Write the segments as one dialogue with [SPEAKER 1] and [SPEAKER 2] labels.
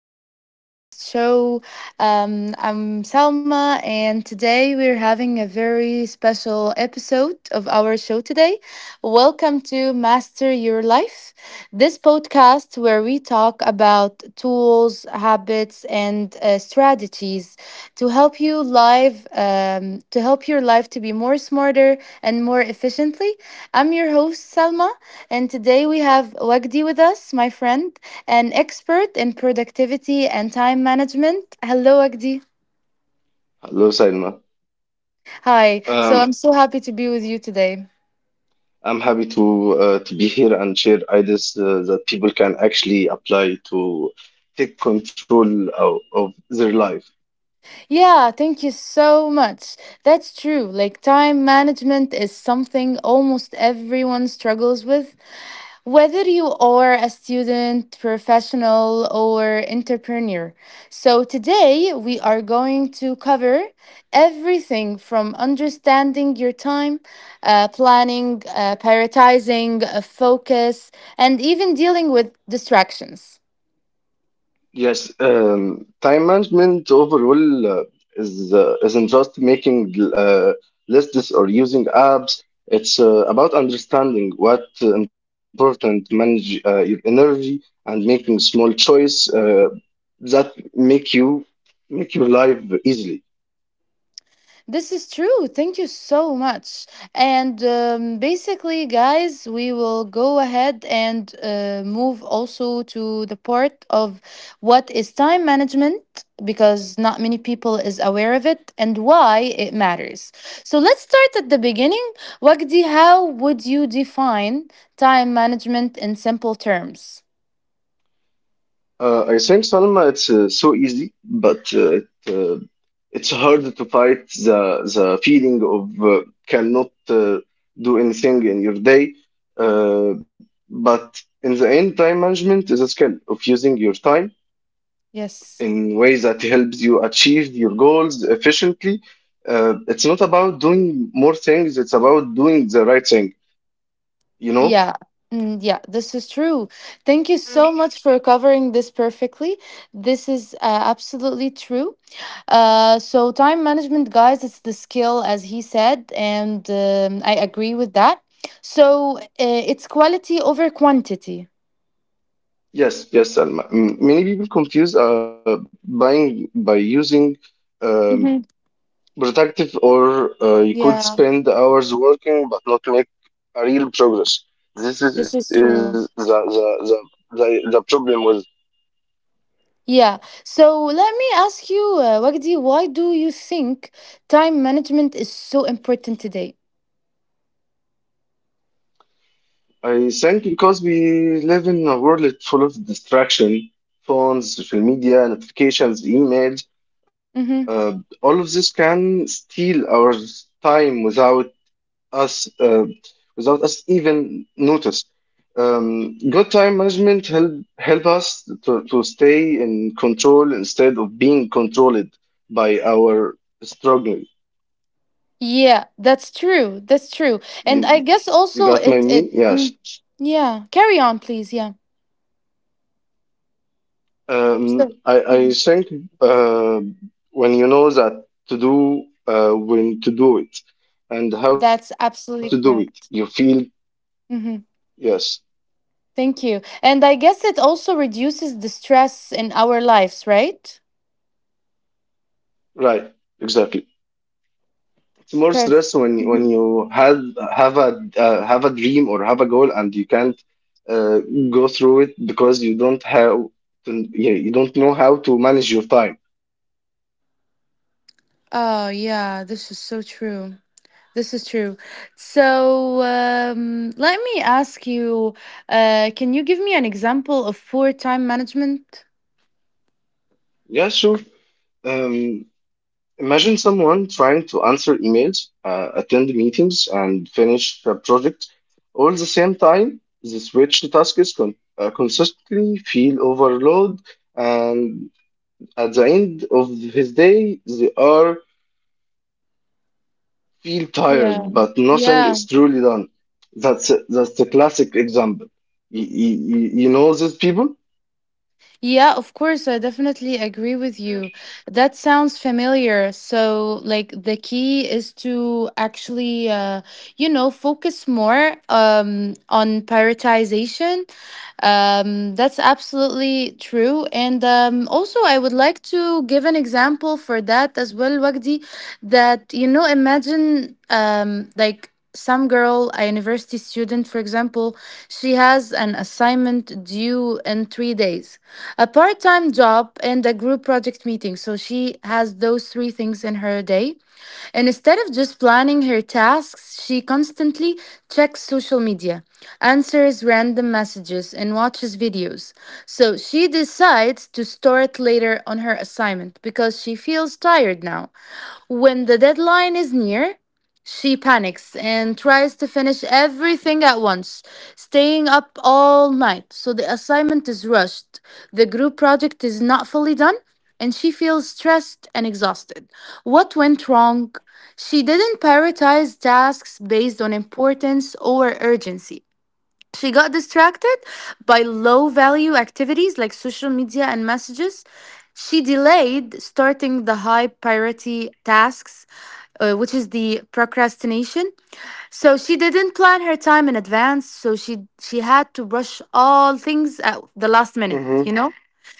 [SPEAKER 1] new podcast show. I'm Salma, and today we're having a very special episode of our show today. Welcome to Master Your Life, this podcast where we talk about tools, habits, and strategies to help you live, to help your life to be more smarter and more efficiently. I'm your host, Salma, and today we have Wagdi with us, my friend, an expert in productivity and time management. Hello, Wagdi.
[SPEAKER 2] Hello, Sailma.
[SPEAKER 1] Hi. So I'm
[SPEAKER 2] Um,
[SPEAKER 1] so happy to be with you today.
[SPEAKER 2] I'm happy to be here and share ideas that people can actually apply to take control of their life.
[SPEAKER 1] Yeah, thank you so much. That's true. Like, time management is something almost everyone struggles with. Whether you are a student, professional, or entrepreneur. So today we are going to cover everything from understanding your time, planning, prioritizing, focus, and even dealing with distractions.
[SPEAKER 2] Yes, time management overall is isn't just making lists or using apps. It's about understanding what important manage your energy and making small choice that make you make your life easily.
[SPEAKER 1] This is true. Thank you so much. And basically, guys, we will go ahead and move also to the part of what is time management, because not many people is aware of it and why it matters. So let's start at the beginning. Wagdi, how would you define time management in simple terms?
[SPEAKER 2] I think Salma, it's so easy, but it's hard to fight the feeling of cannot do anything in your day. Uh, but in the end, time management is a skill of using your time
[SPEAKER 1] Yes.
[SPEAKER 2] in ways that helps you achieve your goals efficiently. It's not about doing more things; it's about doing the right thing. You know?
[SPEAKER 1] Yeah. Mm, yeah, this is true. Thank you so much for covering this perfectly. This is absolutely true. So time management, guys, it's the skill, as he said, and I agree with that. So, it's quality over quantity.
[SPEAKER 2] Yes, yes, Salma. Many people confuse buying by using. um,
[SPEAKER 1] Mhm.
[SPEAKER 2] Productive or you could
[SPEAKER 1] Yeah,
[SPEAKER 2] spend hours working but not make a real progress. This
[SPEAKER 1] this
[SPEAKER 2] is,
[SPEAKER 1] is
[SPEAKER 2] is
[SPEAKER 1] true.
[SPEAKER 2] the problem with.
[SPEAKER 1] Yeah. So let me ask you, Wagdi, why do you think time management is so important today?
[SPEAKER 2] I think because we live in a world full of distraction, phones, social media, notifications, emails,
[SPEAKER 1] Mm-hmm.
[SPEAKER 2] all of this can steal our time us uh, without us even notice. Good time management help us to stay in control instead of being controlled by our struggle.
[SPEAKER 1] Yeah, that's true. That's true. And
[SPEAKER 2] You,
[SPEAKER 1] I guess also
[SPEAKER 2] you got my mean? Yes.
[SPEAKER 1] yeah. Carry on, please. Yeah.
[SPEAKER 2] Um,
[SPEAKER 1] So
[SPEAKER 2] I, I
[SPEAKER 1] mhm.
[SPEAKER 2] think uh, when you know that to do, when to do it, and how to
[SPEAKER 1] That's
[SPEAKER 2] do it, you
[SPEAKER 1] absolutely
[SPEAKER 2] feel
[SPEAKER 1] correct. Hmm.
[SPEAKER 2] yes,
[SPEAKER 1] Thank you. And I guess it also reduces the stress in our lives, right?
[SPEAKER 2] right, exactly. It's more
[SPEAKER 1] Perfect.
[SPEAKER 2] stress when you have have a have a dream or have a goal and you can't uh, go through it because you don't have to, yeah, you don't know how to manage your time.
[SPEAKER 1] Oh yeah, this is so true. This is true. So let me ask you, can you give me an example of poor time management?
[SPEAKER 2] Yeah, sure. Um, imagine someone trying to answer emails, attend meetings, and finish a project all at the same time. The switch tasks consistently feel overload, and at the end of his day, they are feel
[SPEAKER 1] Yeah.
[SPEAKER 2] tired, but nothing
[SPEAKER 1] Yeah.
[SPEAKER 2] is truly done. That's the classic example. You, you, you know these people?
[SPEAKER 1] Yeah, of course, I definitely agree with you. That sounds familiar. So, like, the key is to actually, you know, focus more on prioritization. That's absolutely true. And also, I would like to give an example for that as well, Wagdi, that, you know, imagine like, some girl, a university student, for example. She has an assignment due in 3 days, a part time job, and a group project meeting. So she has those three things in her day. And instead of just planning her tasks, she constantly checks social media, answers random messages, and watches videos. So she decides to store it later on her assignment because she feels tired now. When the deadline is near, she panics and tries to finish everything at once, staying up all night. So the assignment is rushed, the group project is not fully done, and she feels stressed and exhausted. What went wrong? She didn't prioritize tasks based on importance or urgency. She got distracted by low value activities like social media and messages. She delayed starting the high priority tasks, which is the procrastination. So she didn't plan her time in advance. So she had to rush all things at the last minute. You
[SPEAKER 2] Mm-hmm.
[SPEAKER 1] know.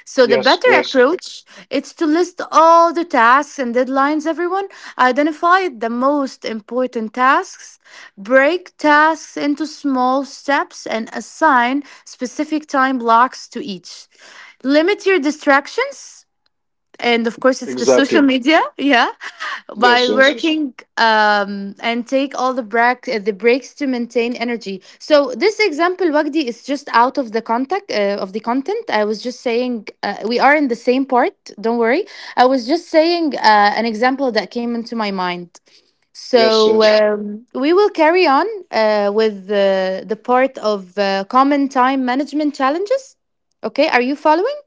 [SPEAKER 1] So the better
[SPEAKER 2] Yes, yes,
[SPEAKER 1] approach is to list all the tasks and deadlines everyone, identify the most important tasks, break tasks into small steps and assign specific time blocks to each. Limit your distractions, and of course it's the social
[SPEAKER 2] exactly.
[SPEAKER 1] media, yeah, while
[SPEAKER 2] Yes, yes,
[SPEAKER 1] working, and take all the break the breaks to maintain energy. So this example, Wagdi, is just out of the contact of the content. I was just saying we are in the same part. Don't worry. I was just saying an example that came into my mind.
[SPEAKER 2] yes,
[SPEAKER 1] So
[SPEAKER 2] yes,
[SPEAKER 1] yeah, we will carry on with the part of common time management challenges. Okay, are you following?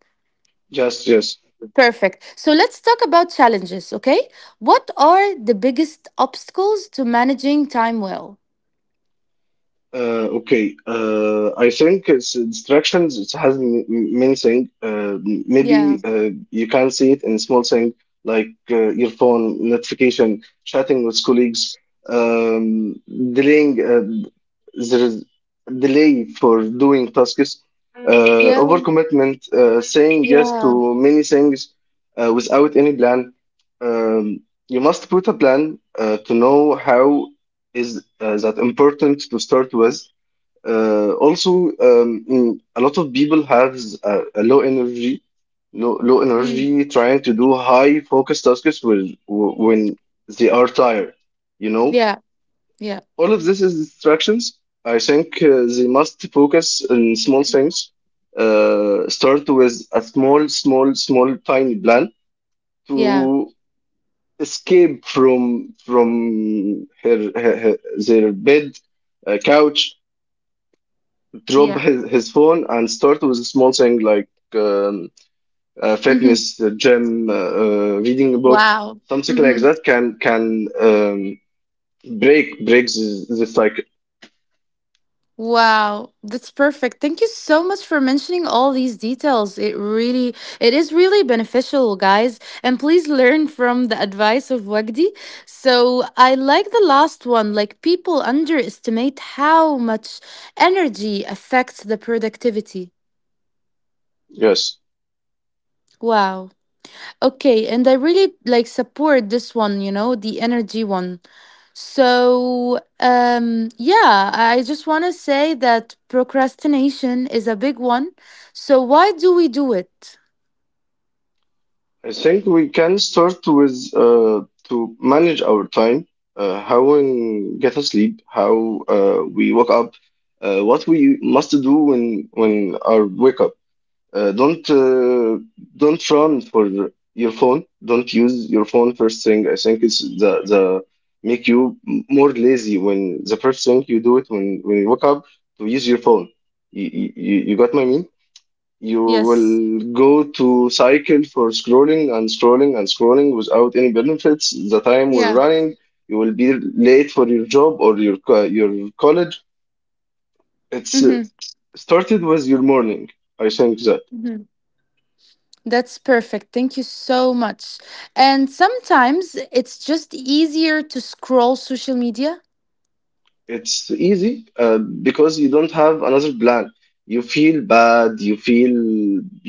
[SPEAKER 2] yes, yes.
[SPEAKER 1] Perfect. So let's talk about challenges, okay? What are the biggest obstacles to managing time well?
[SPEAKER 2] Okay, I think it's distractions. It has many things. Uh, m-
[SPEAKER 1] Yeah,
[SPEAKER 2] maybe you can see it in small things like your phone notification, chatting with colleagues, um, delaying. There is delay for doing tasks,
[SPEAKER 1] yeah,
[SPEAKER 2] overcommitment, saying yes
[SPEAKER 1] yeah,
[SPEAKER 2] to many things without any plan. Um, you must put a plan to know how is that important to start with. Also, a lot of people have a low energy, low
[SPEAKER 1] mm,
[SPEAKER 2] energy, trying to do high focus tasks when they are tired. You know,
[SPEAKER 1] yeah, yeah,
[SPEAKER 2] all of this is distractions. I think they must focus on small things. Start with a small, tiny plan
[SPEAKER 1] yeah,
[SPEAKER 2] to escape from her, her, her their bed couch drop
[SPEAKER 1] yeah.
[SPEAKER 2] his phone and start with a small thing like um,
[SPEAKER 1] Mm-hmm.
[SPEAKER 2] fitness, gym, reading a book,
[SPEAKER 1] Wow.
[SPEAKER 2] something like
[SPEAKER 1] Mm-hmm.
[SPEAKER 2] that can breaks this cycle.
[SPEAKER 1] Wow, that's perfect. Thank you so much for mentioning all these details. It really, it is really beneficial, guys. And please learn from the advice of Wagdi. So I like the last one, like people underestimate how much energy affects the productivity.
[SPEAKER 2] Yes,
[SPEAKER 1] Wow. Okay, and I really like support this one, you know, the energy one. So, yeah, I just want to say that procrastination is a big one. So why do we do it?
[SPEAKER 2] I think we can start with to manage our time, how we get a sleep, how we wake up, what we must do when our wake up. Uh, don't uh, don't run for your phone. Don't use your phone first thing. I think it's the make you more lazy when the first thing you do it when you wake up to use your phone. You got my mean? You
[SPEAKER 1] Yes.
[SPEAKER 2] will go to cycle for scrolling and scrolling and scrolling without any benefits. The time will
[SPEAKER 1] Yeah.
[SPEAKER 2] running. You will be late for your job or your college. It's
[SPEAKER 1] Mhm.
[SPEAKER 2] started with your morning. I think that.
[SPEAKER 1] Mhm. That's perfect. Thank you so much. And sometimes it's just easier to scroll social media.
[SPEAKER 2] It's easy because you don't have another plan. You feel bad, you feel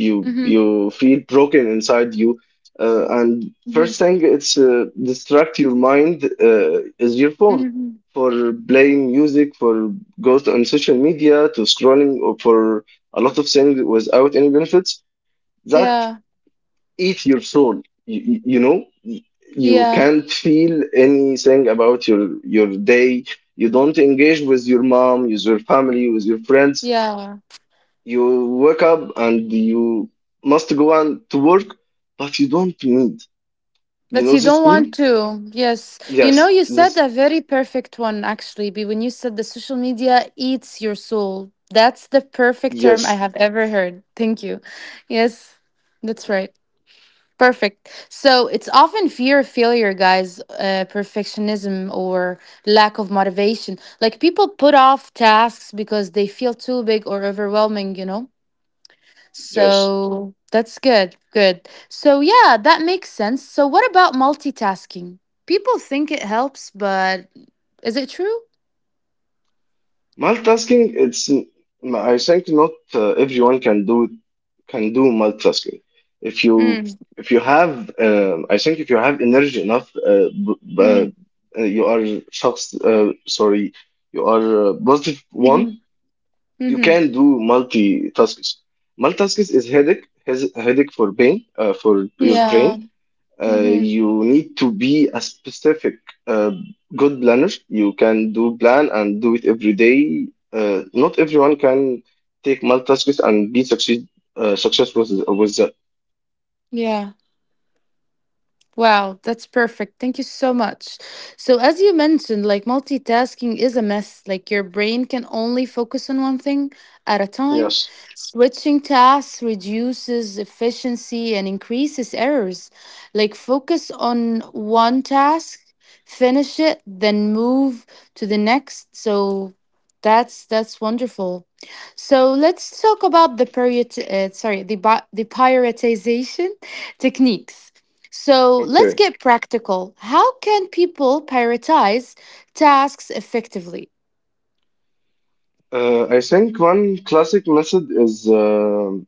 [SPEAKER 2] you
[SPEAKER 1] Mhm.
[SPEAKER 2] you feel broken inside you, and
[SPEAKER 1] Mhm.
[SPEAKER 2] first thing it's distract your mind is your phone
[SPEAKER 1] Mhm.
[SPEAKER 2] for playing music, for goes on social media, to scrolling, or for a lot of things without any benefits. That
[SPEAKER 1] Yeah.
[SPEAKER 2] eat your soul. You know, you
[SPEAKER 1] Yeah.
[SPEAKER 2] can't feel anything about your day. You don't engage with your mom, with your family, with your friends.
[SPEAKER 1] Yeah.
[SPEAKER 2] You wake up and you must go on to work, but you don't need. You
[SPEAKER 1] But
[SPEAKER 2] know
[SPEAKER 1] you
[SPEAKER 2] this
[SPEAKER 1] don't
[SPEAKER 2] feel?
[SPEAKER 1] want to. Yes. You know,
[SPEAKER 2] Yes,
[SPEAKER 1] you said
[SPEAKER 2] this.
[SPEAKER 1] a very perfect one, actually, Be, when you said the social media eats your soul. That's the perfect term I
[SPEAKER 2] Yes,
[SPEAKER 1] have ever heard. Thank you. Yes, that's right. Perfect. So it's often fear of failure, guys, perfectionism or lack of motivation. Like people put off tasks because they feel too big or overwhelming, you know?
[SPEAKER 2] yes.
[SPEAKER 1] So that's good. Good. So yeah, that makes sense. So what about multitasking? People think it helps, but is it true?
[SPEAKER 2] Multitasking, it's I think not everyone can do multitasking. If you
[SPEAKER 1] Mm,
[SPEAKER 2] if you have I think if you have energy enough,
[SPEAKER 1] mm,
[SPEAKER 2] you are shocked, sorry, you are positive one.
[SPEAKER 1] mm-hmm,
[SPEAKER 2] You
[SPEAKER 1] mm-hmm.
[SPEAKER 2] can do multitasks. Multitasks is headache, has headache for your brain.
[SPEAKER 1] Yeah.
[SPEAKER 2] Uh,
[SPEAKER 1] Mm-hmm.
[SPEAKER 2] you need to be a specific uh, good planner. You can do plan and do it every day. Not everyone can take multitasks and be succeed successful with that.
[SPEAKER 1] Yeah. Wow, that's perfect. Thank you so much. So as you mentioned, like multitasking is a mess. Like your brain can only focus on one thing at a time.
[SPEAKER 2] Yes.
[SPEAKER 1] Switching tasks reduces efficiency and increases errors. Like focus on one task, finish it, then move to the next. So that's wonderful. So let's talk about the period. Sorry, the prioritization techniques. So let's
[SPEAKER 2] Okay.
[SPEAKER 1] get practical. How can people prioritize tasks effectively?
[SPEAKER 2] I think one classic method is.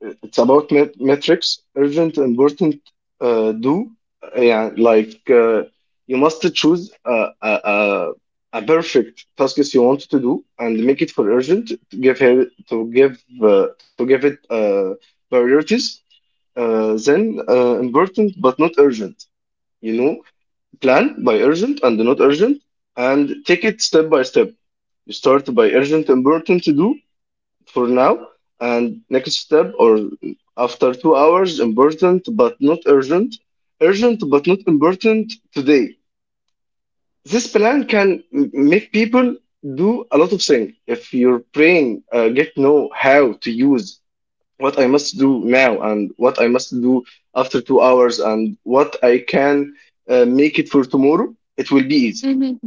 [SPEAKER 2] It's about metrics, urgent, important, do. Yeah, like you must choose a perfect task you want to do and make it for urgent. To give it priorities. Then important but not urgent. You know, plan by urgent and not urgent, and take it step by step. You start by urgent, important to do, for now. And next step or after 2 hours, important but not urgent, urgent but not important today. This plan can make people do a lot of things. If your brain get know how to use what I must do now and what I must do after 2 hours and what I can make it for tomorrow, it will be easy.
[SPEAKER 1] Mm-hmm.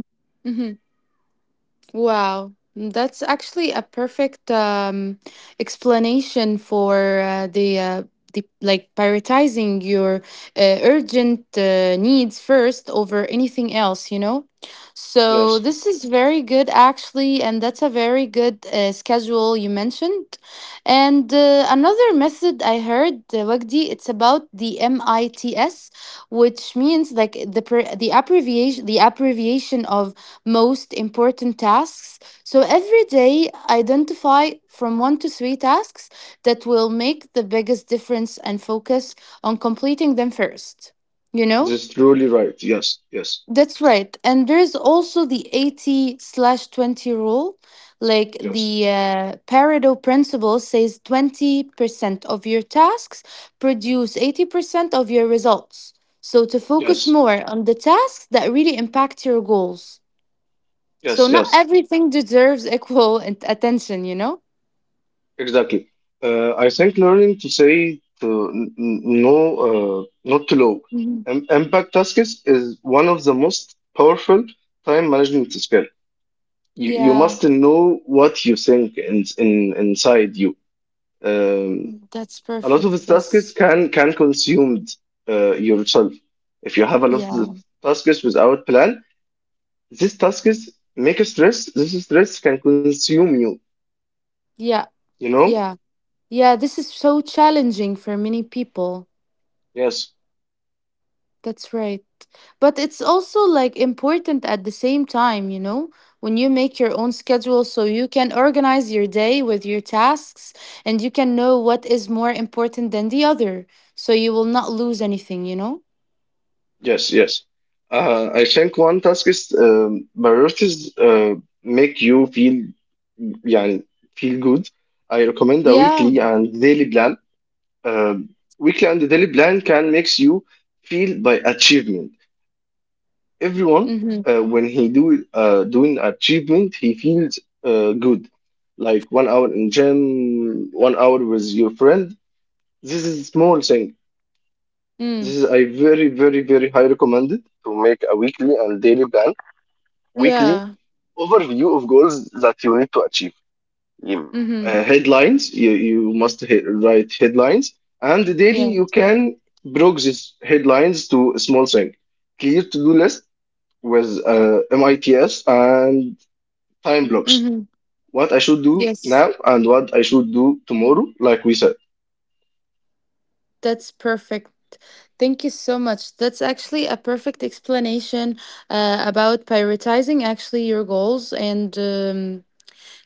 [SPEAKER 1] Wow. That's actually a perfect explanation for the like prioritizing your urgent needs first over anything else, you know? So
[SPEAKER 2] Yes,
[SPEAKER 1] this is very good actually, and that's a very good schedule you mentioned. And another method I heard, Wagdi, it's about the MITS, which means like the abbreviation of most important tasks. So every day, identify from 1 to 3 tasks that will make the biggest difference and focus on completing them first. You
[SPEAKER 2] this
[SPEAKER 1] know?
[SPEAKER 2] is truly right. Yes, yes,
[SPEAKER 1] That's right. And there's also the 80 slash 20 rule. Like the
[SPEAKER 2] yes,
[SPEAKER 1] Pareto principle says 20% of your tasks produce 80% of your results. So to focus
[SPEAKER 2] yes,
[SPEAKER 1] more on the tasks that really impact your goals. So
[SPEAKER 2] yes,
[SPEAKER 1] not
[SPEAKER 2] yes.
[SPEAKER 1] everything deserves equal attention, you know?
[SPEAKER 2] Exactly. I think learning to say to n- n- no, not to low.
[SPEAKER 1] Mhm.
[SPEAKER 2] Impact tasks is one of the most powerful time management skill. You
[SPEAKER 1] Yeah,
[SPEAKER 2] must know what you think inside you. Um,
[SPEAKER 1] that's
[SPEAKER 2] a lot of the
[SPEAKER 1] perfect.
[SPEAKER 2] tasks
[SPEAKER 1] Yes.
[SPEAKER 2] can consume yourself. If you have a lot of
[SPEAKER 1] Yeah.
[SPEAKER 2] tasks without plan, these tasks make a stress. This stress can consume you.
[SPEAKER 1] Yeah.
[SPEAKER 2] You know?
[SPEAKER 1] Yeah. Yeah. This is so challenging for many people.
[SPEAKER 2] Yes.
[SPEAKER 1] That's right. But it's also like important at the same time, you know, when you make your own schedule so you can organize your day with your tasks, and you can know what is more important than the other. So you will not lose anything, you know?
[SPEAKER 2] Yes, yes. I think one task is priorities make you feel yeah, feel good. I recommend a
[SPEAKER 1] Yeah.
[SPEAKER 2] weekly and daily plan. Weekly and daily plan can makes you feel by achievement. Everyone
[SPEAKER 1] Mm-hmm.
[SPEAKER 2] when he do doing achievement, he feels good. Like 1 hour in gym, 1 hour with your friend. This is small thing.
[SPEAKER 1] Mm.
[SPEAKER 2] This is I very very very high recommended to make a weekly and daily plan weekly
[SPEAKER 1] Yeah.
[SPEAKER 2] overview of goals that you need to achieve. You-
[SPEAKER 1] Mm-hmm.
[SPEAKER 2] Headlines, you must write headlines, and daily
[SPEAKER 1] Yeah.
[SPEAKER 2] you can break these headlines to a small thing. Clear to do list with MITS and time
[SPEAKER 1] Mm-hmm.
[SPEAKER 2] blocks.
[SPEAKER 1] Mm-hmm.
[SPEAKER 2] What I should do
[SPEAKER 1] Yes,
[SPEAKER 2] now and what I should do tomorrow, like we said.
[SPEAKER 1] that's perfect. Thank you so much. That's actually a perfect explanation about prioritizing actually your goals and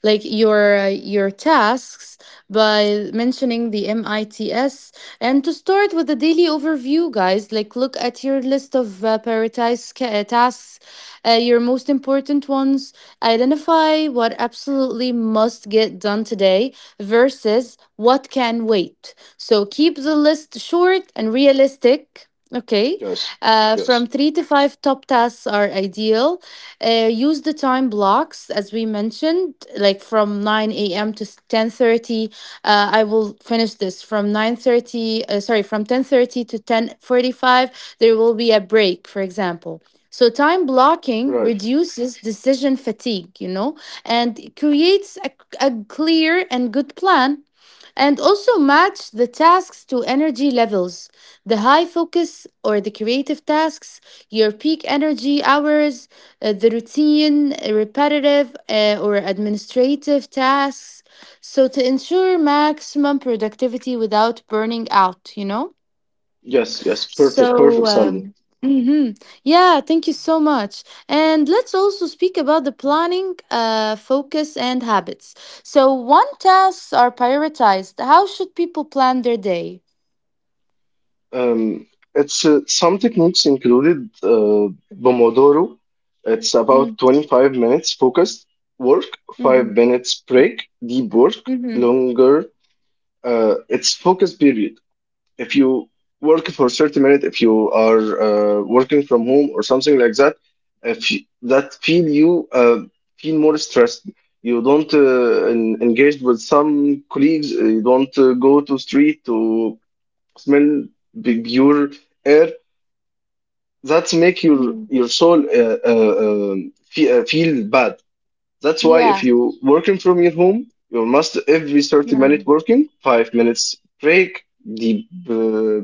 [SPEAKER 1] like your tasks by mentioning the MITS, and to start with a daily overview, guys. Like look at your list of prioritized tasks, your most important ones, identify what absolutely must get done today versus what can wait, so keep the list short and realistic. Okay.
[SPEAKER 2] Yes,
[SPEAKER 1] From
[SPEAKER 2] yes,
[SPEAKER 1] 3 to 5 top tasks are ideal. Use the time blocks as we mentioned, like from 9 a.m. to 10:30. I will finish this from 9:30. Sorry, from 10:30 to 10:45. There will be a break, for example. So time blocking
[SPEAKER 2] right.
[SPEAKER 1] reduces decision fatigue, you know, and creates a clear and good plan, and also match the tasks to energy levels, the high focus or the creative tasks, your peak energy hours, the routine repetitive or administrative tasks, so to ensure maximum productivity without burning out, you know.
[SPEAKER 2] Yes, yes, perfect, perfect,
[SPEAKER 1] So,
[SPEAKER 2] Salman.
[SPEAKER 1] mhm. yeah, thank you so much. And let's also speak about the planning, focus, and habits. So one tasks are prioritized, how should people plan their day?
[SPEAKER 2] Um, it's some techniques included Pomodoro. It's about
[SPEAKER 1] Mm,
[SPEAKER 2] 25 minutes focused work, five
[SPEAKER 1] Mm-hmm.
[SPEAKER 2] minutes break, deep work,
[SPEAKER 1] Mm-hmm.
[SPEAKER 2] longer. It's focus period. If you work for 30 minutes, if you are working from home or something like that, if you- that feel you feel more stressed. You don't engage with some colleagues. You don't go to street to smell the pure air that make your
[SPEAKER 1] Mm,
[SPEAKER 2] your soul feel bad. That's why if
[SPEAKER 1] Yeah.
[SPEAKER 2] you working from your home you must every 30-minute
[SPEAKER 1] Yeah.
[SPEAKER 2] working 5 minutes break, deep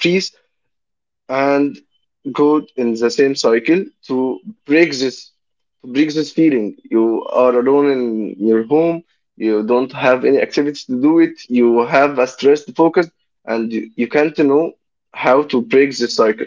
[SPEAKER 2] breathe, and go in the same cycle break this to break this feeling you are alone in your home. You don't have any activities to do it. You have a stressed focus and you can't know how to break this cycle.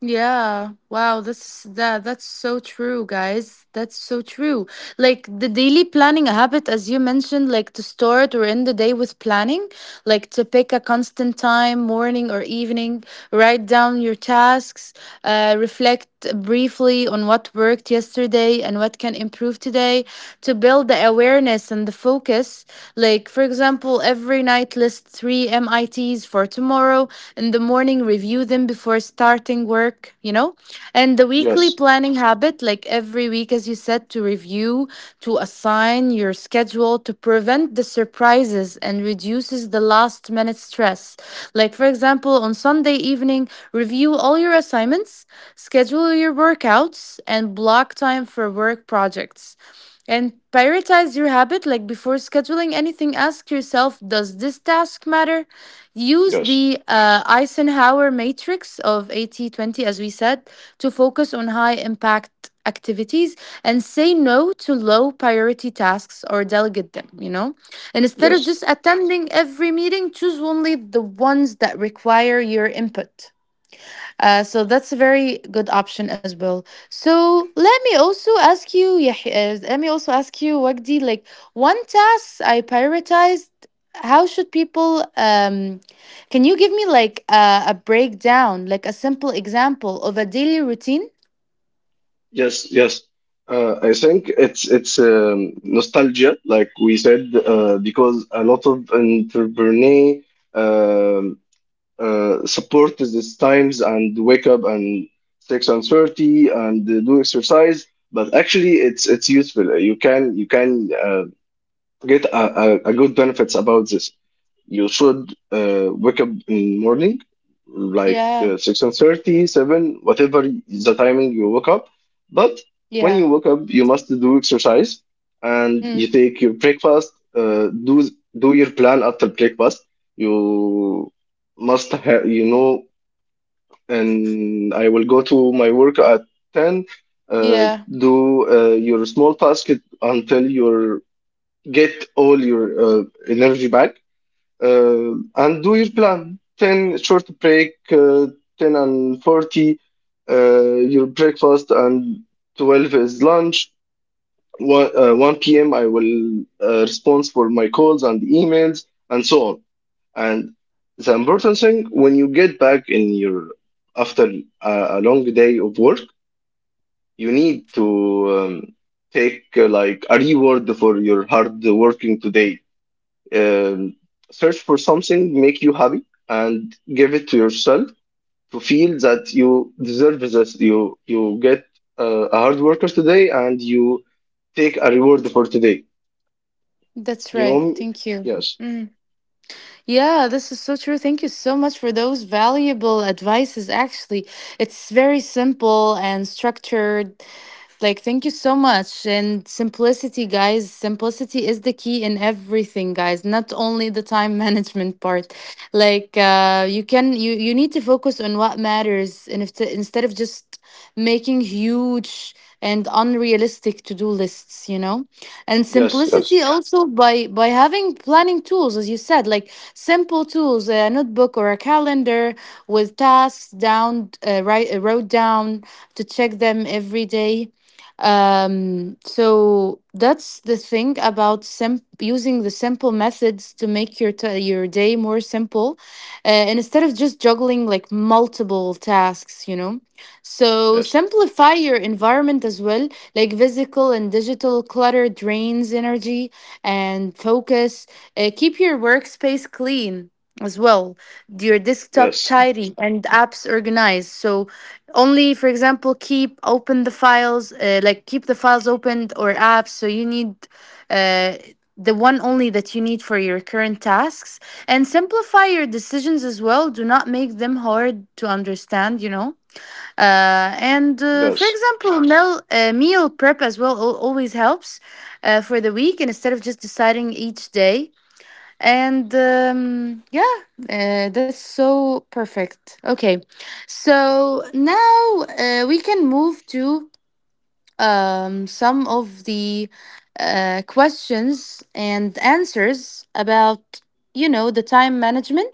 [SPEAKER 1] Yeah. Wow, that's that that's so true, guys. That's so true. Like the daily planning habit as you mentioned, like to start or end the day with planning, like to pick a constant time, morning or evening, write down your tasks, reflect briefly on what worked yesterday and what can improve today, to build the awareness and the focus. Like, for example, every night list 3 MITs for tomorrow. In the morning, review them before starting work, you know? And the weekly
[SPEAKER 2] Yes,
[SPEAKER 1] planning habit, like every week, as you said, to review, to assign your schedule, to prevent the surprises and reduces the last minute stress. Like, for example, on Sunday evening, review all your assignments, schedule your workouts, and block time for work projects. And prioritize your habit. Like before scheduling anything, ask yourself, does this task matter? Use
[SPEAKER 2] yes,
[SPEAKER 1] the Eisenhower matrix of 80/20, as we said, to focus on high impact activities and say no to low priority tasks or delegate them. And instead of
[SPEAKER 2] yes,
[SPEAKER 1] just attending every meeting, choose only the ones that require your input. So that's a very good option as well. So let me also ask you, let me also ask you, Wagdi, like one task I prioritized. How should people? Can you give me like a breakdown, like a simple example of a daily routine?
[SPEAKER 2] yes, yes. I think it's nostalgia, like we said, because a lot of entrepreneurs support these times and wake up and 6:30 and do exercise. But actually, it's useful. You can get a good benefits about this. You should wake up in morning, like
[SPEAKER 1] Yeah,
[SPEAKER 2] 6:30, 7, whatever is the timing you wake up. But when
[SPEAKER 1] yeah,
[SPEAKER 2] you wake up, you must do exercise and you
[SPEAKER 1] mm,
[SPEAKER 2] take your breakfast. Do your plan after breakfast. You must have, you know, and I will go to my work at 10. Uh,
[SPEAKER 1] yeah.
[SPEAKER 2] do your small task until you get all your energy back and do your plan 10 short break, 10:40, uh, your breakfast, and 12 is lunch. 1, 1 p.m. I will respond for my calls and emails and so on. And the important thing when you get back in your after a, a long day of work, you need to take like a reward for your hard working today, um, search for something make you happy and give it to yourself to feel that you deserve this, you get a hard worker today and you take a reward for today.
[SPEAKER 1] That's
[SPEAKER 2] You
[SPEAKER 1] right.
[SPEAKER 2] know?
[SPEAKER 1] Thank you.
[SPEAKER 2] Yes,
[SPEAKER 1] Mm. Yeah, this is so true. Thank you so much for those valuable advices. Actually, it's very simple and structured. Like, thank you so much. And simplicity, guys, simplicity is the key in everything, guys, not only the time management part. Like, you can, you need to focus on what matters and if instead of just making huge and unrealistic to-do lists. And
[SPEAKER 2] yes,
[SPEAKER 1] simplicity,
[SPEAKER 2] yes,
[SPEAKER 1] yeah, also by having planning tools, as you said, like simple tools, a notebook or a calendar with tasks down, write wrote down to check them every day, so that's the thing about using the simple methods to make your your day more simple, and instead of just juggling like multiple tasks. So
[SPEAKER 2] yes,
[SPEAKER 1] simplify your environment as well, like physical and digital clutter drains energy and focus. Keep your workspace clean as well, your desktop
[SPEAKER 2] yes,
[SPEAKER 1] tidy and apps organized. So only for example keep open the files like keep the files opened or apps, so you need uh, the one only that you need for your current tasks. And simplify your decisions as well, do not make them hard to understand. And for
[SPEAKER 2] yes,
[SPEAKER 1] example meal prep as well always helps for the week and instead of just deciding each day and yeah, that's so perfect. Okay, so now we can move to some of the questions and answers about you know the time management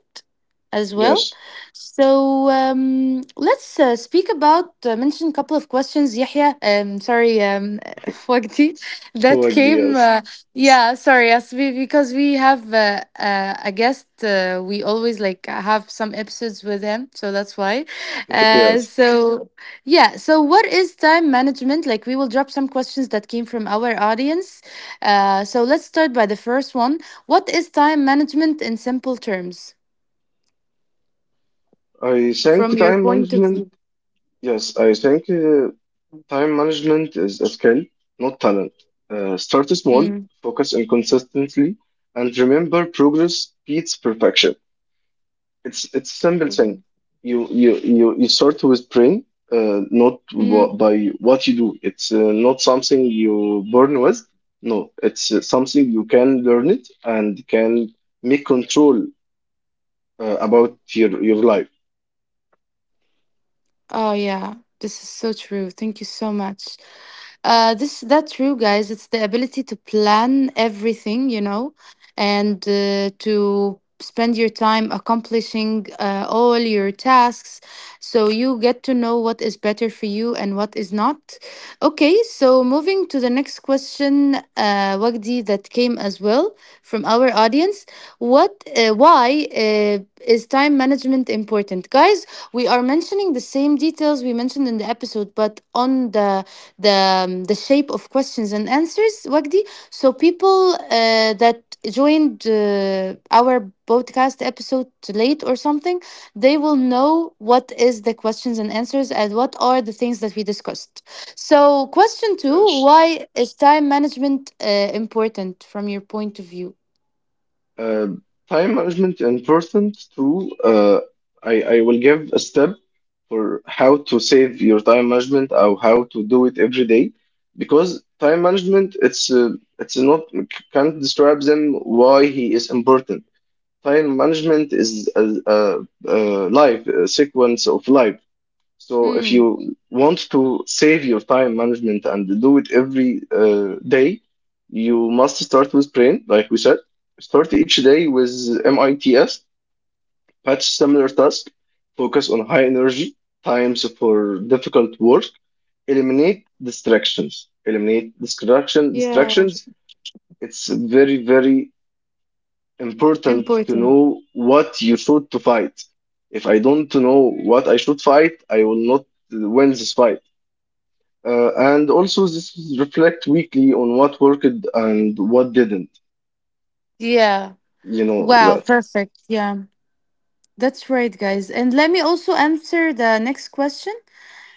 [SPEAKER 1] as well.
[SPEAKER 2] yes.
[SPEAKER 1] So let's speak about mention a couple of questions, yahya, sorry, وقتي that
[SPEAKER 2] Like the,
[SPEAKER 1] came
[SPEAKER 2] yes.
[SPEAKER 1] yeah, sorry, yes, because we have a guest we always like have some episodes with him, so that's why
[SPEAKER 2] Yes
[SPEAKER 1] so yeah, so what is time management? Like, we will drop some questions that came from our audience. So let's start by the first one. What is time management in simple terms
[SPEAKER 2] I think
[SPEAKER 1] from your
[SPEAKER 2] time
[SPEAKER 1] point of
[SPEAKER 2] management
[SPEAKER 1] view?
[SPEAKER 2] yes I think time management is a skill, not talent. Start small, focus on consistently, and remember progress beats perfection. It's a simple thing.
[SPEAKER 1] Mm.
[SPEAKER 2] You start with brain, not wha- by what you do. It's, not something you born with. No, it's, something you can learn it and can make control about your life.
[SPEAKER 1] Oh yeah, this is so true. Thank you so much. This that's true, guys. It's the ability to plan everything, you know, and to spend your time accomplishing all your tasks. So you get to know what is better for you and what is not. Okay, so moving to the next question, Wagdi, that came as well from our audience. What, why is time management important, guys? We are mentioning the same details we mentioned in the episode, but on the the shape of questions and answers, Wagdi. So people that joined our podcast episode late or something, they will know what is the questions and answers and what are the things that we discussed. So, question two,
[SPEAKER 2] Yes.
[SPEAKER 1] why is time management important from your point of view?
[SPEAKER 2] Um, time management is important too. I will give a step for how to save your time management or how to do it every day, because time management it's not can't describe them why he is important. Time management is a life, a sequence of life. So if
[SPEAKER 1] Mm,
[SPEAKER 2] you want to save your time management and do it every day, you must start with brain, like we said. Start each day with MITS, patch similar task, focus on high energy times for difficult work, eliminate distractions. Eliminate
[SPEAKER 1] yeah,
[SPEAKER 2] distractions. It's very, very important to
[SPEAKER 1] important.
[SPEAKER 2] know what you should to fight. If I don't know what I should fight, I will not win this fight. And also this is reflect weekly on what worked and what didn't.
[SPEAKER 1] Yeah.
[SPEAKER 2] You know
[SPEAKER 1] Wow,
[SPEAKER 2] that.
[SPEAKER 1] perfect. Yeah, that's right, guys. And let me also answer the next question.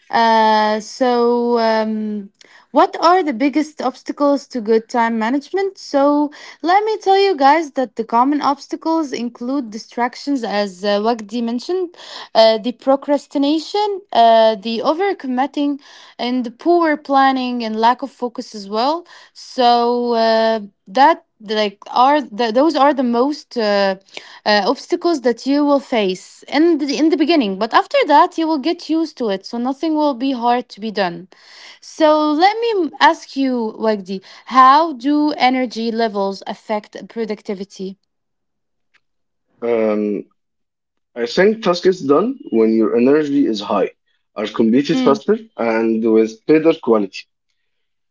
[SPEAKER 1] So, what are the biggest obstacles to good time management? So, let me tell you guys that the common obstacles include distractions, as Wagdi mentioned, the procrastination, the overcommitting, and the poor planning and lack of focus as well. So, that like are those are the most obstacles that you will face in in the beginning, but after that you will get used to it, so nothing will be hard to be done. So let me ask you, Wagdi, how do energy levels affect productivity?
[SPEAKER 2] Um, I think task is done when your energy is high, are completed
[SPEAKER 1] Mm,
[SPEAKER 2] faster and with better quality.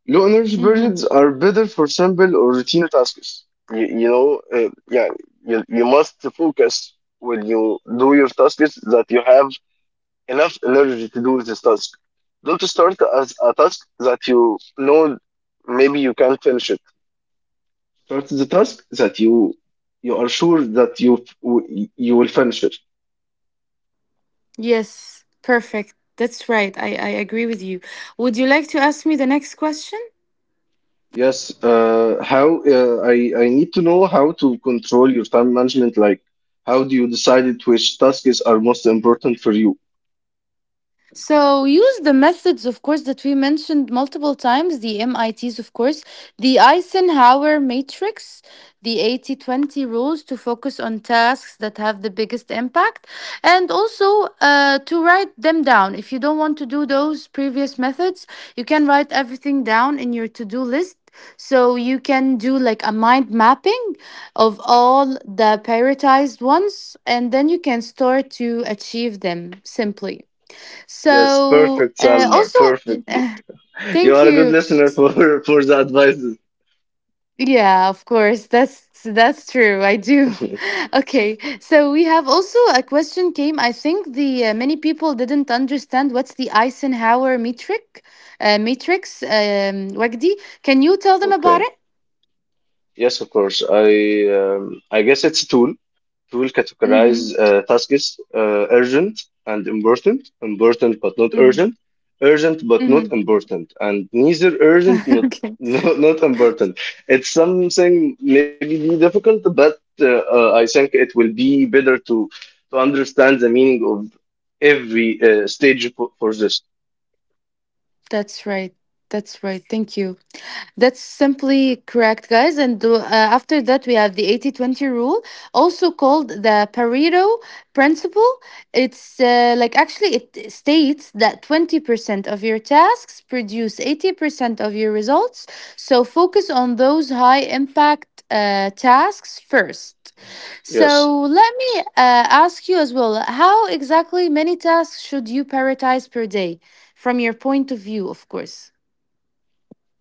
[SPEAKER 2] Low energy
[SPEAKER 1] mm-hmm.
[SPEAKER 2] periods are better for simple or routine tasks. You know, yeah, you must focus when you do your tasks that you have enough energy to do this task. Don't start as a task that you know maybe you can't finish it. Start the task that you are sure that you will finish it.
[SPEAKER 1] Yes, perfect. That's right. I agree with you. Would you like to ask me the next question?
[SPEAKER 2] Yes. How uh, I I need to know how to control your time management. Like, how do you decide it which tasks are most important for you?
[SPEAKER 1] So use the methods, of course, that we mentioned multiple times, the MITs, of course, the Eisenhower matrix, the 80/20 rules to focus on tasks that have the biggest impact, and also to write them down. If you don't want to do those previous methods, you can write everything down in your to-do list. So you can do like a mind mapping of all the prioritized ones, and then you can start to achieve them simply.
[SPEAKER 2] Yes,
[SPEAKER 1] So
[SPEAKER 2] perfect, Salma.
[SPEAKER 1] also, thank
[SPEAKER 2] Perfect.
[SPEAKER 1] you. Uh,
[SPEAKER 2] You
[SPEAKER 1] thank
[SPEAKER 2] are a good
[SPEAKER 1] you.
[SPEAKER 2] listener for for the advices.
[SPEAKER 1] Yeah, of course. That's true. I do. Okay. So we have also a question came. I think the many people didn't understand what's the Eisenhower metric. Matrix. Wagdi, can you tell them about
[SPEAKER 2] Okay.
[SPEAKER 1] it?
[SPEAKER 2] Yes, of course. Um, I guess it's a tool. It will categorize
[SPEAKER 1] Mm-hmm.
[SPEAKER 2] tasks, urgent and important, important but not
[SPEAKER 1] Mm-hmm.
[SPEAKER 2] urgent, urgent but not important, and neither urgent
[SPEAKER 1] Mm-hmm.
[SPEAKER 2] not
[SPEAKER 1] Okay.
[SPEAKER 2] not important. It's something maybe be difficult, but I think it will be better to understand the meaning of every stage for this.
[SPEAKER 1] That's right. That's right. Thank you. That's simply correct, guys. And after that, we have the 80/20 rule, also called the Pareto principle. It's like actually, it states that 20% of your tasks produce 80% of your results. So focus on those high impact tasks first.
[SPEAKER 2] Yes,
[SPEAKER 1] So let me ask you as well, how exactly many tasks should you prioritize per day from your point of view, of course?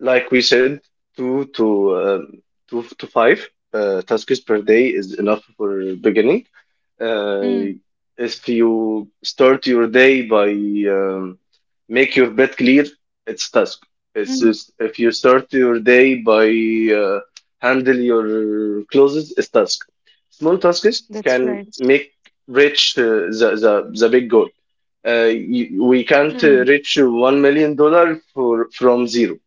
[SPEAKER 2] like we said, two to um, two to five tasks per day is enough for beginning uh,
[SPEAKER 1] Mm,
[SPEAKER 2] if you start your day by um, make your bed clear, it's task. It's
[SPEAKER 1] mm.
[SPEAKER 2] just, if you start your day by uh, handle your clothes, it's task. Small tasks
[SPEAKER 1] That's
[SPEAKER 2] can
[SPEAKER 1] right.
[SPEAKER 2] make reach the big goal. You, we can't
[SPEAKER 1] Mm,
[SPEAKER 2] reach $1 million for from zero.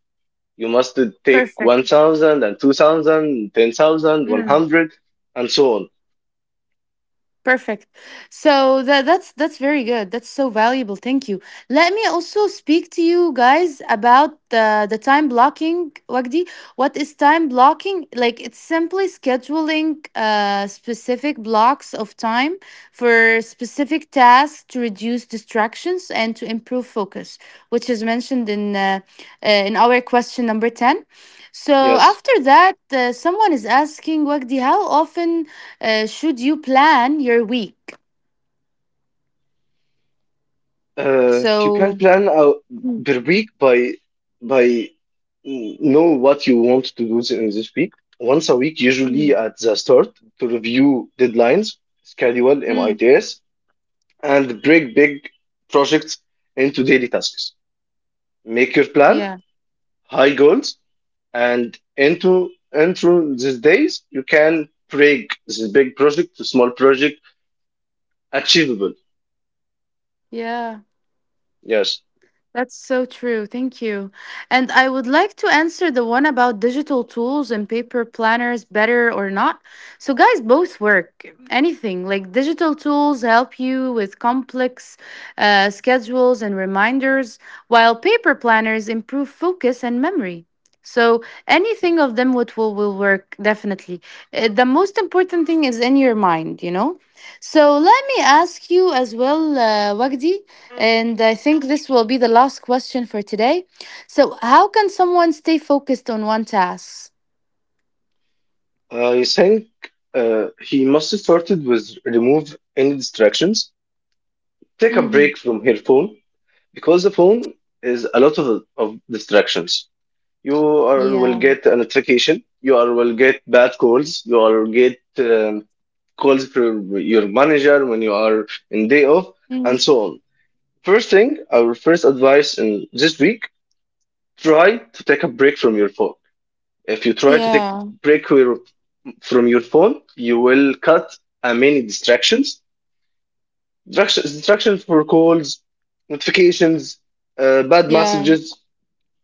[SPEAKER 2] You must take one
[SPEAKER 1] perfect.
[SPEAKER 2] thousand and two thousand, 10,000, one
[SPEAKER 1] Mm.
[SPEAKER 2] hundred, and so on.
[SPEAKER 1] Perfect. So that's very good. That's so valuable. Thank you. Let me also speak to you guys about the time blocking. Wagdi, what is time blocking? Like, it's simply scheduling uh, specific blocks of time for specific tasks to reduce distractions and to improve focus, which is mentioned in our question number ten. So
[SPEAKER 2] Yes.
[SPEAKER 1] after that, someone is asking, Wagdi, how often uh, should you plan your week?
[SPEAKER 2] You can
[SPEAKER 1] So,
[SPEAKER 2] plan out
[SPEAKER 1] mm,
[SPEAKER 2] per week by know what you want to do in this week. Once a week, usually
[SPEAKER 1] mm,
[SPEAKER 2] at the start, to review deadlines, schedule
[SPEAKER 1] mm,
[SPEAKER 2] MITs, and break big projects into daily tasks. Make your plan,
[SPEAKER 1] yeah,
[SPEAKER 2] high goals, and into these days, you can break this big project to small project achievable.
[SPEAKER 1] yeah.
[SPEAKER 2] Yes.
[SPEAKER 1] That's so true. Thank you. And I would like to answer the one about digital tools and paper planners, better or not. So, guys, both work. Anything like digital tools help you with complex schedules and reminders, while paper planners improve focus and memory. So, anything of them would will work definitely. The most important thing is in your mind, you know? So, let me ask you as well, Wagdi. And I think this will be the last question for today. So, how can someone stay focused on one task?
[SPEAKER 2] I think he must have started with remove any distractions, take a
[SPEAKER 1] Mm-hmm.
[SPEAKER 2] break from her phone because the phone is a lot of distractions. You are, will
[SPEAKER 1] Yeah.
[SPEAKER 2] get a notification, you are, will get bad calls, you are get calls from your manager when you are in day off,
[SPEAKER 1] Mhm.
[SPEAKER 2] and so on. First thing, our first advice in this week: try to take a break from your phone. If you try to take
[SPEAKER 1] Yeah.
[SPEAKER 2] break your from your phone, you will cut many distractions. Distractions, distractions for calls, notifications, bad
[SPEAKER 1] Yeah.
[SPEAKER 2] messages,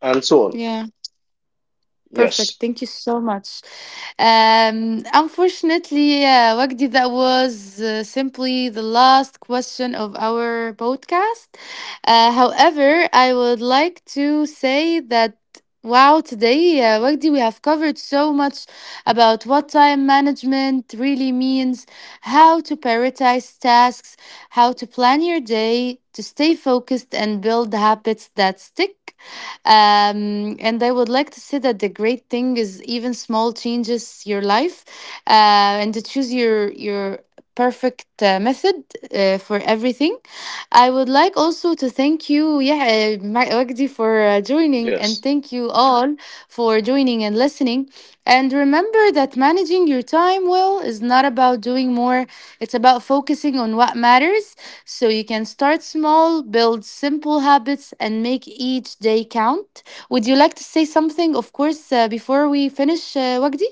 [SPEAKER 2] and so on.
[SPEAKER 1] Yeah. Perfect.
[SPEAKER 2] Yes,
[SPEAKER 1] Thank you so much. Unfortunately, Wagdi, that was simply the last question of our podcast. However, I would like to say that, wow, today, Wagdi, we have covered so much about what time management really means, how to prioritize tasks, how to plan your day, to stay focused and build habits that stick. And I would like to say that the great thing is even small changes your life, and to choose your perfect method for everything.
[SPEAKER 2] yes.
[SPEAKER 1] I would like also to thank you, yeah, Wagdi, for joining, and thank you all for joining and listening. And remember that managing your time well is not about doing more; it's about focusing on what matters, so you can start small, build simple habits, and make each day count. Would you like to say something, of course, before we finish, Wagdi?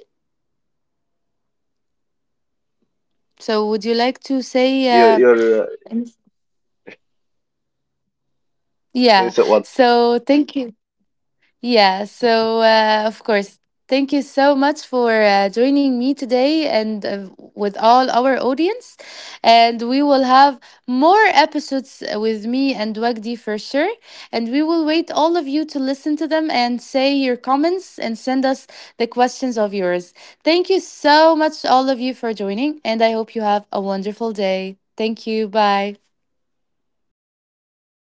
[SPEAKER 2] No, Salma, thank you for your time and for your
[SPEAKER 1] So would you
[SPEAKER 2] energy.
[SPEAKER 1] like to say,
[SPEAKER 2] Your say so what?
[SPEAKER 1] yeah. So thank you. Yeah, so of course, thank you so much for joining me today and with all our audience. And we will have more episodes with me and Wagdi for sure. And we will wait all of you to listen to them and say your comments and send us the questions of yours. Thank you so much, all of you, for joining. And I hope you have a wonderful day. Thank you. Bye.
[SPEAKER 2] Thank you. Bye bye. Bye, Salma.